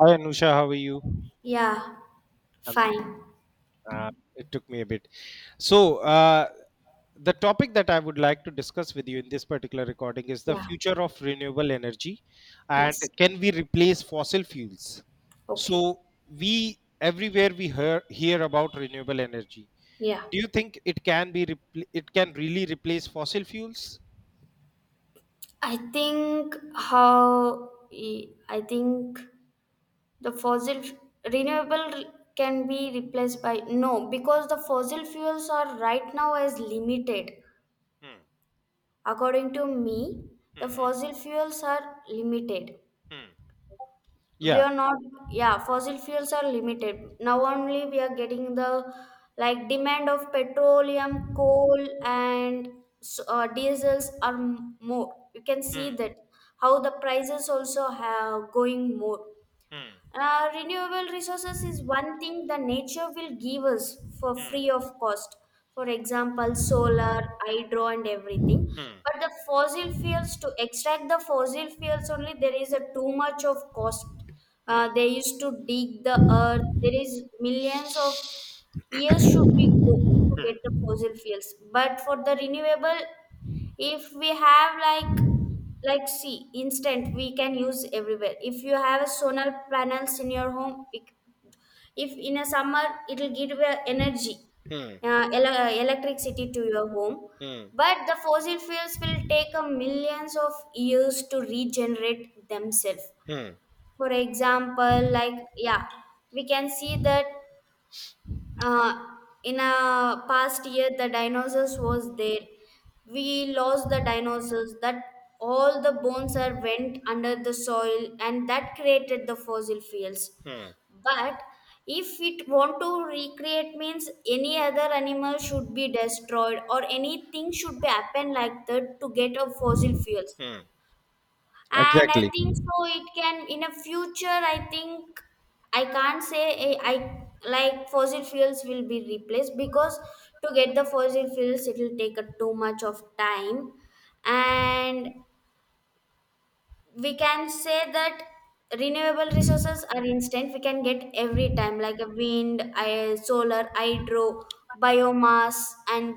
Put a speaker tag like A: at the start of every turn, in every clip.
A: Hi Anusha, how are you?
B: Yeah,
A: Um,
B: fine.
A: uh, it took me a bit. So, the topic that I would like to discuss with you in this particular recording is the
B: Yeah,
A: future of renewable energy, and
B: yes.
A: can we replace fossil fuels?
B: Okay.
A: So, we everywhere we hear about renewable energy.
B: Yeah.
A: Do you think it can really replace fossil fuels?
B: I think the fossil renewable can be replaced by no because the fossil fuels are right now as limited.
A: Hmm.
B: According to me, the
A: Hmm.
B: fossil fuels are limited,
A: Hmm.
B: we
A: Yeah.
B: are not, yeah, fossil fuels are limited, now only we are getting the, like, demand of petroleum, coal and diesels are more. You can see
A: Hmm.
B: that how the prices also have going more.
A: Hmm.
B: Renewable resources is one thing the nature will give us for free of cost. For example, solar, hydro, and everything.
A: Hmm.
B: But the fossil fuels, to extract the fossil fuels only, there is a too much of cost.
A: Hmm.
B: They used to dig the earth. There is millions of years should be go to get the fossil fuels. But for the renewable, if we have like, see, instant we can use everywhere. If you have a solar panels in your home if in a summer it will give you energy,
A: Hmm.
B: electricity to your home,
A: Hmm.
B: but the fossil fuels will take a millions of years to regenerate themselves.
A: Hmm.
B: For example, like, yeah, we can see that uh, in a past year the dinosaurs was there. We lost the dinosaurs, that all the bones are went under the soil, and that created the fossil fuels.
A: Hmm.
B: But if it want to recreate means any other animal should be destroyed or anything should be happen like that to get a fossil fuels.
A: Hmm.
B: And I
A: Exactly.
B: think so it can in a future. I think I can't say, I, like, fossil fuels will be replaced because to get the fossil fuels it will take a too much of time. And we can say that renewable resources are instant, we can get every time like a wind, solar, hydro, biomass and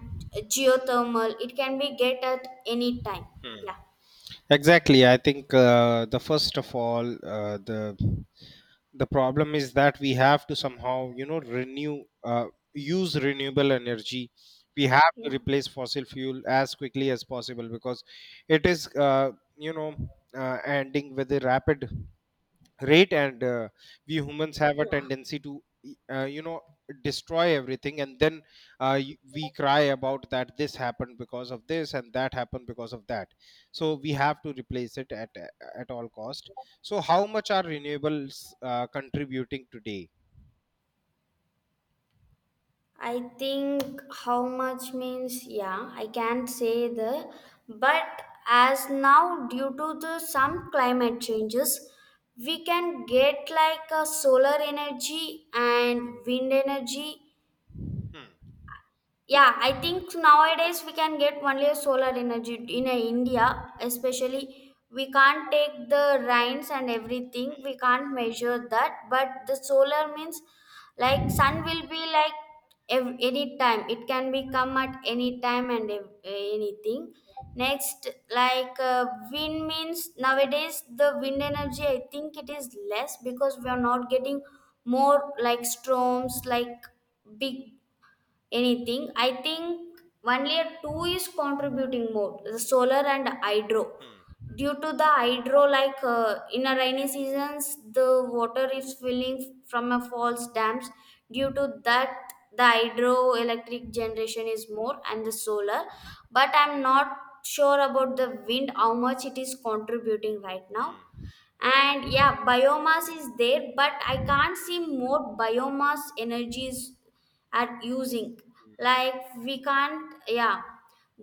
B: geothermal. It can be get at any time.
A: Hmm.
B: Yeah.
A: Exactly, I think, the first of all, uh, the the problem is that we have to somehow renew use renewable energy. We have to
B: Yeah.
A: replace fossil fuel as quickly as possible because it is, you know ending with a rapid rate. And we humans have a
B: Yeah,
A: tendency to destroy everything, and then, we cry about that this happened because of this and that happened because of that. So we have to replace it at all cost. So how much are renewables contributing today?
B: I think how much means, yeah, I can't say the, but as now due to the some climate changes, we can get like a solar energy and wind energy.
A: Hmm.
B: Yeah, I think nowadays we can get only a solar energy in India, especially. We can't take the rains and everything. We can't measure that, but the solar means like sun will be like any time. It can be come at any time and anything. Next, like, wind means nowadays the wind energy, I think it is less because we are not getting more like storms, like big anything. I think only a two is contributing more, the solar and hydro.
A: Hmm.
B: Due to the hydro, like, in a rainy seasons, the water is filling from a falls, dams. Due to that, the hydroelectric generation is more, and the solar. But I'm not sure about the wind, how much it is contributing right now.
A: Hmm.
B: And yeah, biomass is there but I can't see more biomass energies at using. Like, we can't, yeah,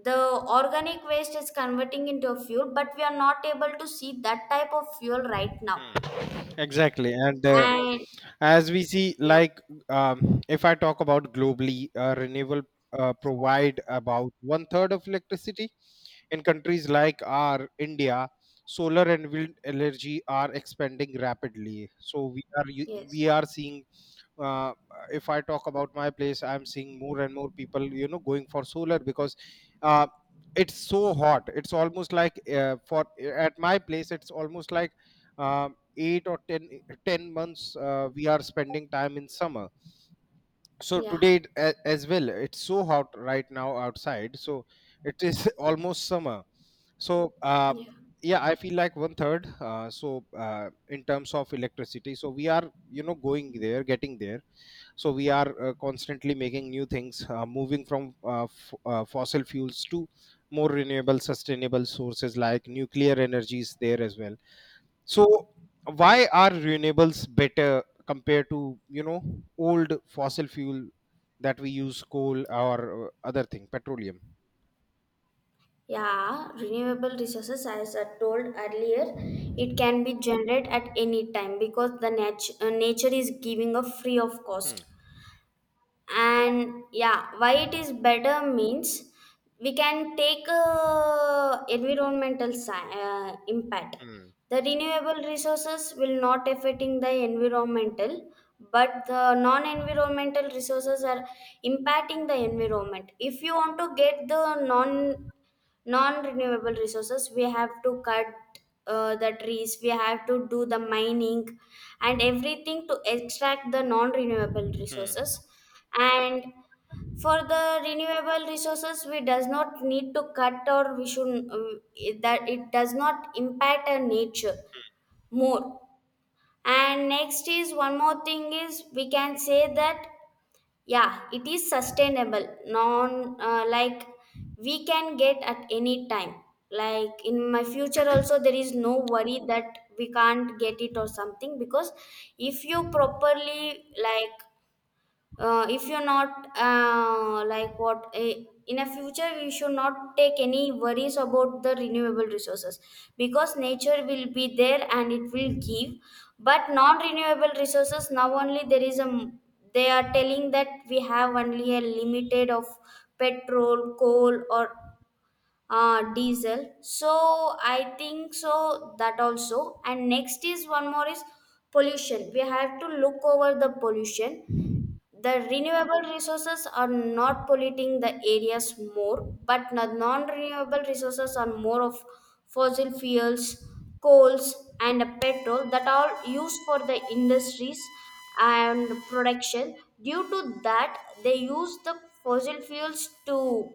B: the organic waste is converting into a fuel, but we are not able to see that type of fuel right now.
A: Hmm. Exactly. And
B: And
A: as we see,
B: yeah.
A: like, if I talk about globally, renewable provide about one third of electricity. In countries like our India, solar and wind energy are expanding rapidly. So
B: Yes.
A: we are seeing, uh, if I talk about my place, I'm seeing more and more people going for solar because, uh, it's so hot. It's almost like, for at my place, it's almost like, 8 or ten months, we are spending time in summer. So
B: Yeah.
A: today, as well, it's so hot right now outside, so it is almost summer. So,
B: Yeah,
A: yeah, I feel like one third, so, in terms of electricity, so we are going there, getting there. So we are, constantly making new things, moving from fossil fuels to more renewable, sustainable sources like nuclear energies there as well. So why are renewables better compared to old fossil fuel that we use, coal or other thing, petroleum?
B: yeah, renewable resources, as I told earlier, it can be generated at any time because the nature is giving a free of
A: Hmm.
B: cost. And yeah, why it is better means, we can take environmental impact.
A: Hmm.
B: The renewable resources will not affecting the environmental, but the non environmental resources are impacting the environment. If you want to get the non-renewable resources, we have to cut the trees, we have to do the mining and everything to extract the non-renewable resources. And for the renewable resources, we does not need to cut, or we should that it does not impact our nature more. And next is one more thing is, we can say that, yeah, it is sustainable, non like, we can get at any time. Like in my future also there is no worry that we can't get it or something, because if you properly, like, if you're not like what, in a future we should not take any worries about the renewable resources because nature will be there and it will give. But non-renewable resources, now only there is a they are telling that we have only a limited of petrol, coal, or diesel. So I think so that, also. And next is one more is pollution. We have to look over the pollution. The renewable resources are not polluting the areas more, but the non-renewable resources are more of fossil fuels, coals, and petrol that are used for the industries and production. Due to that, they use the fossil fuels to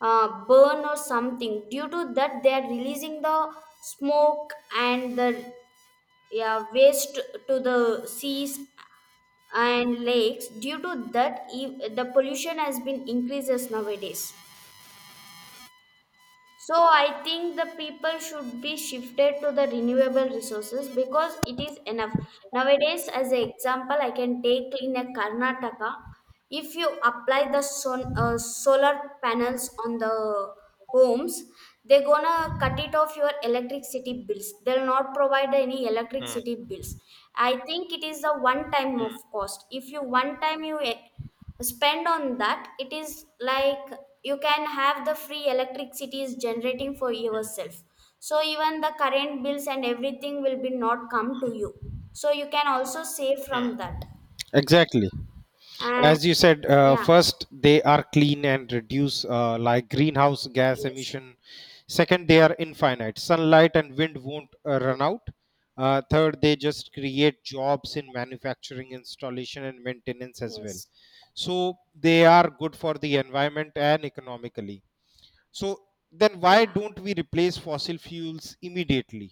B: burn or something. Due to that, they are releasing the smoke and the, yeah, waste to the seas and lakes. Due to that the pollution has been increases nowadays. So I think the people should be shifted to the renewable resources because it is enough. Nowadays, as an example, I can take in a Karnataka, if you apply the son, solar panels on the homes, they're gonna cut it off your electricity bills. They'll not provide any electricity bills. I think it is a one time of cost. If you one time you spend on that, it is like you can have the free electricity is generating for yourself, so even the current bills and everything will be not come to you, so you can also save from that.
A: Exactly.
B: And
A: As you said,
B: yeah.
A: first, they are clean and reduce, like greenhouse gas
B: Yes.
A: emission. Second, they are infinite, sunlight and wind won't run out. Third, they just create jobs in manufacturing, installation and maintenance as well.
B: Yes.
A: So they are good for the environment and economically. So then why
B: Yeah.
A: don't we replace fossil fuels immediately?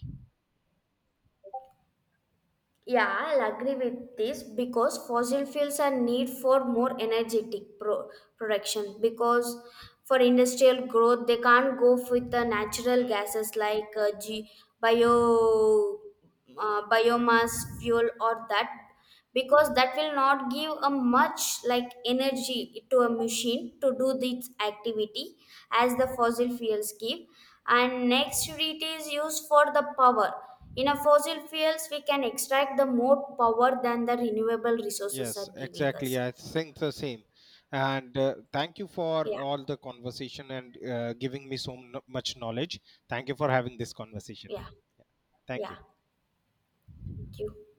B: Yeah, I'll agree with this because fossil fuels are need for more energetic production, because for industrial growth they can't go with the natural gases like bio biomass fuel or that, because that will not give a much like energy to a machine to do this activity as the fossil fuels give. And next, it is used for the power. In a fossil fuels we can extract the more power than the renewable resources
A: Yes,
B: are giving
A: exactly.
B: us.
A: I think the same. And thank you for
B: Yeah.
A: all the conversation and giving me so much knowledge. Thank you for having this conversation.
B: Yeah.
A: Yeah. Thank you.
B: Yeah, thank you.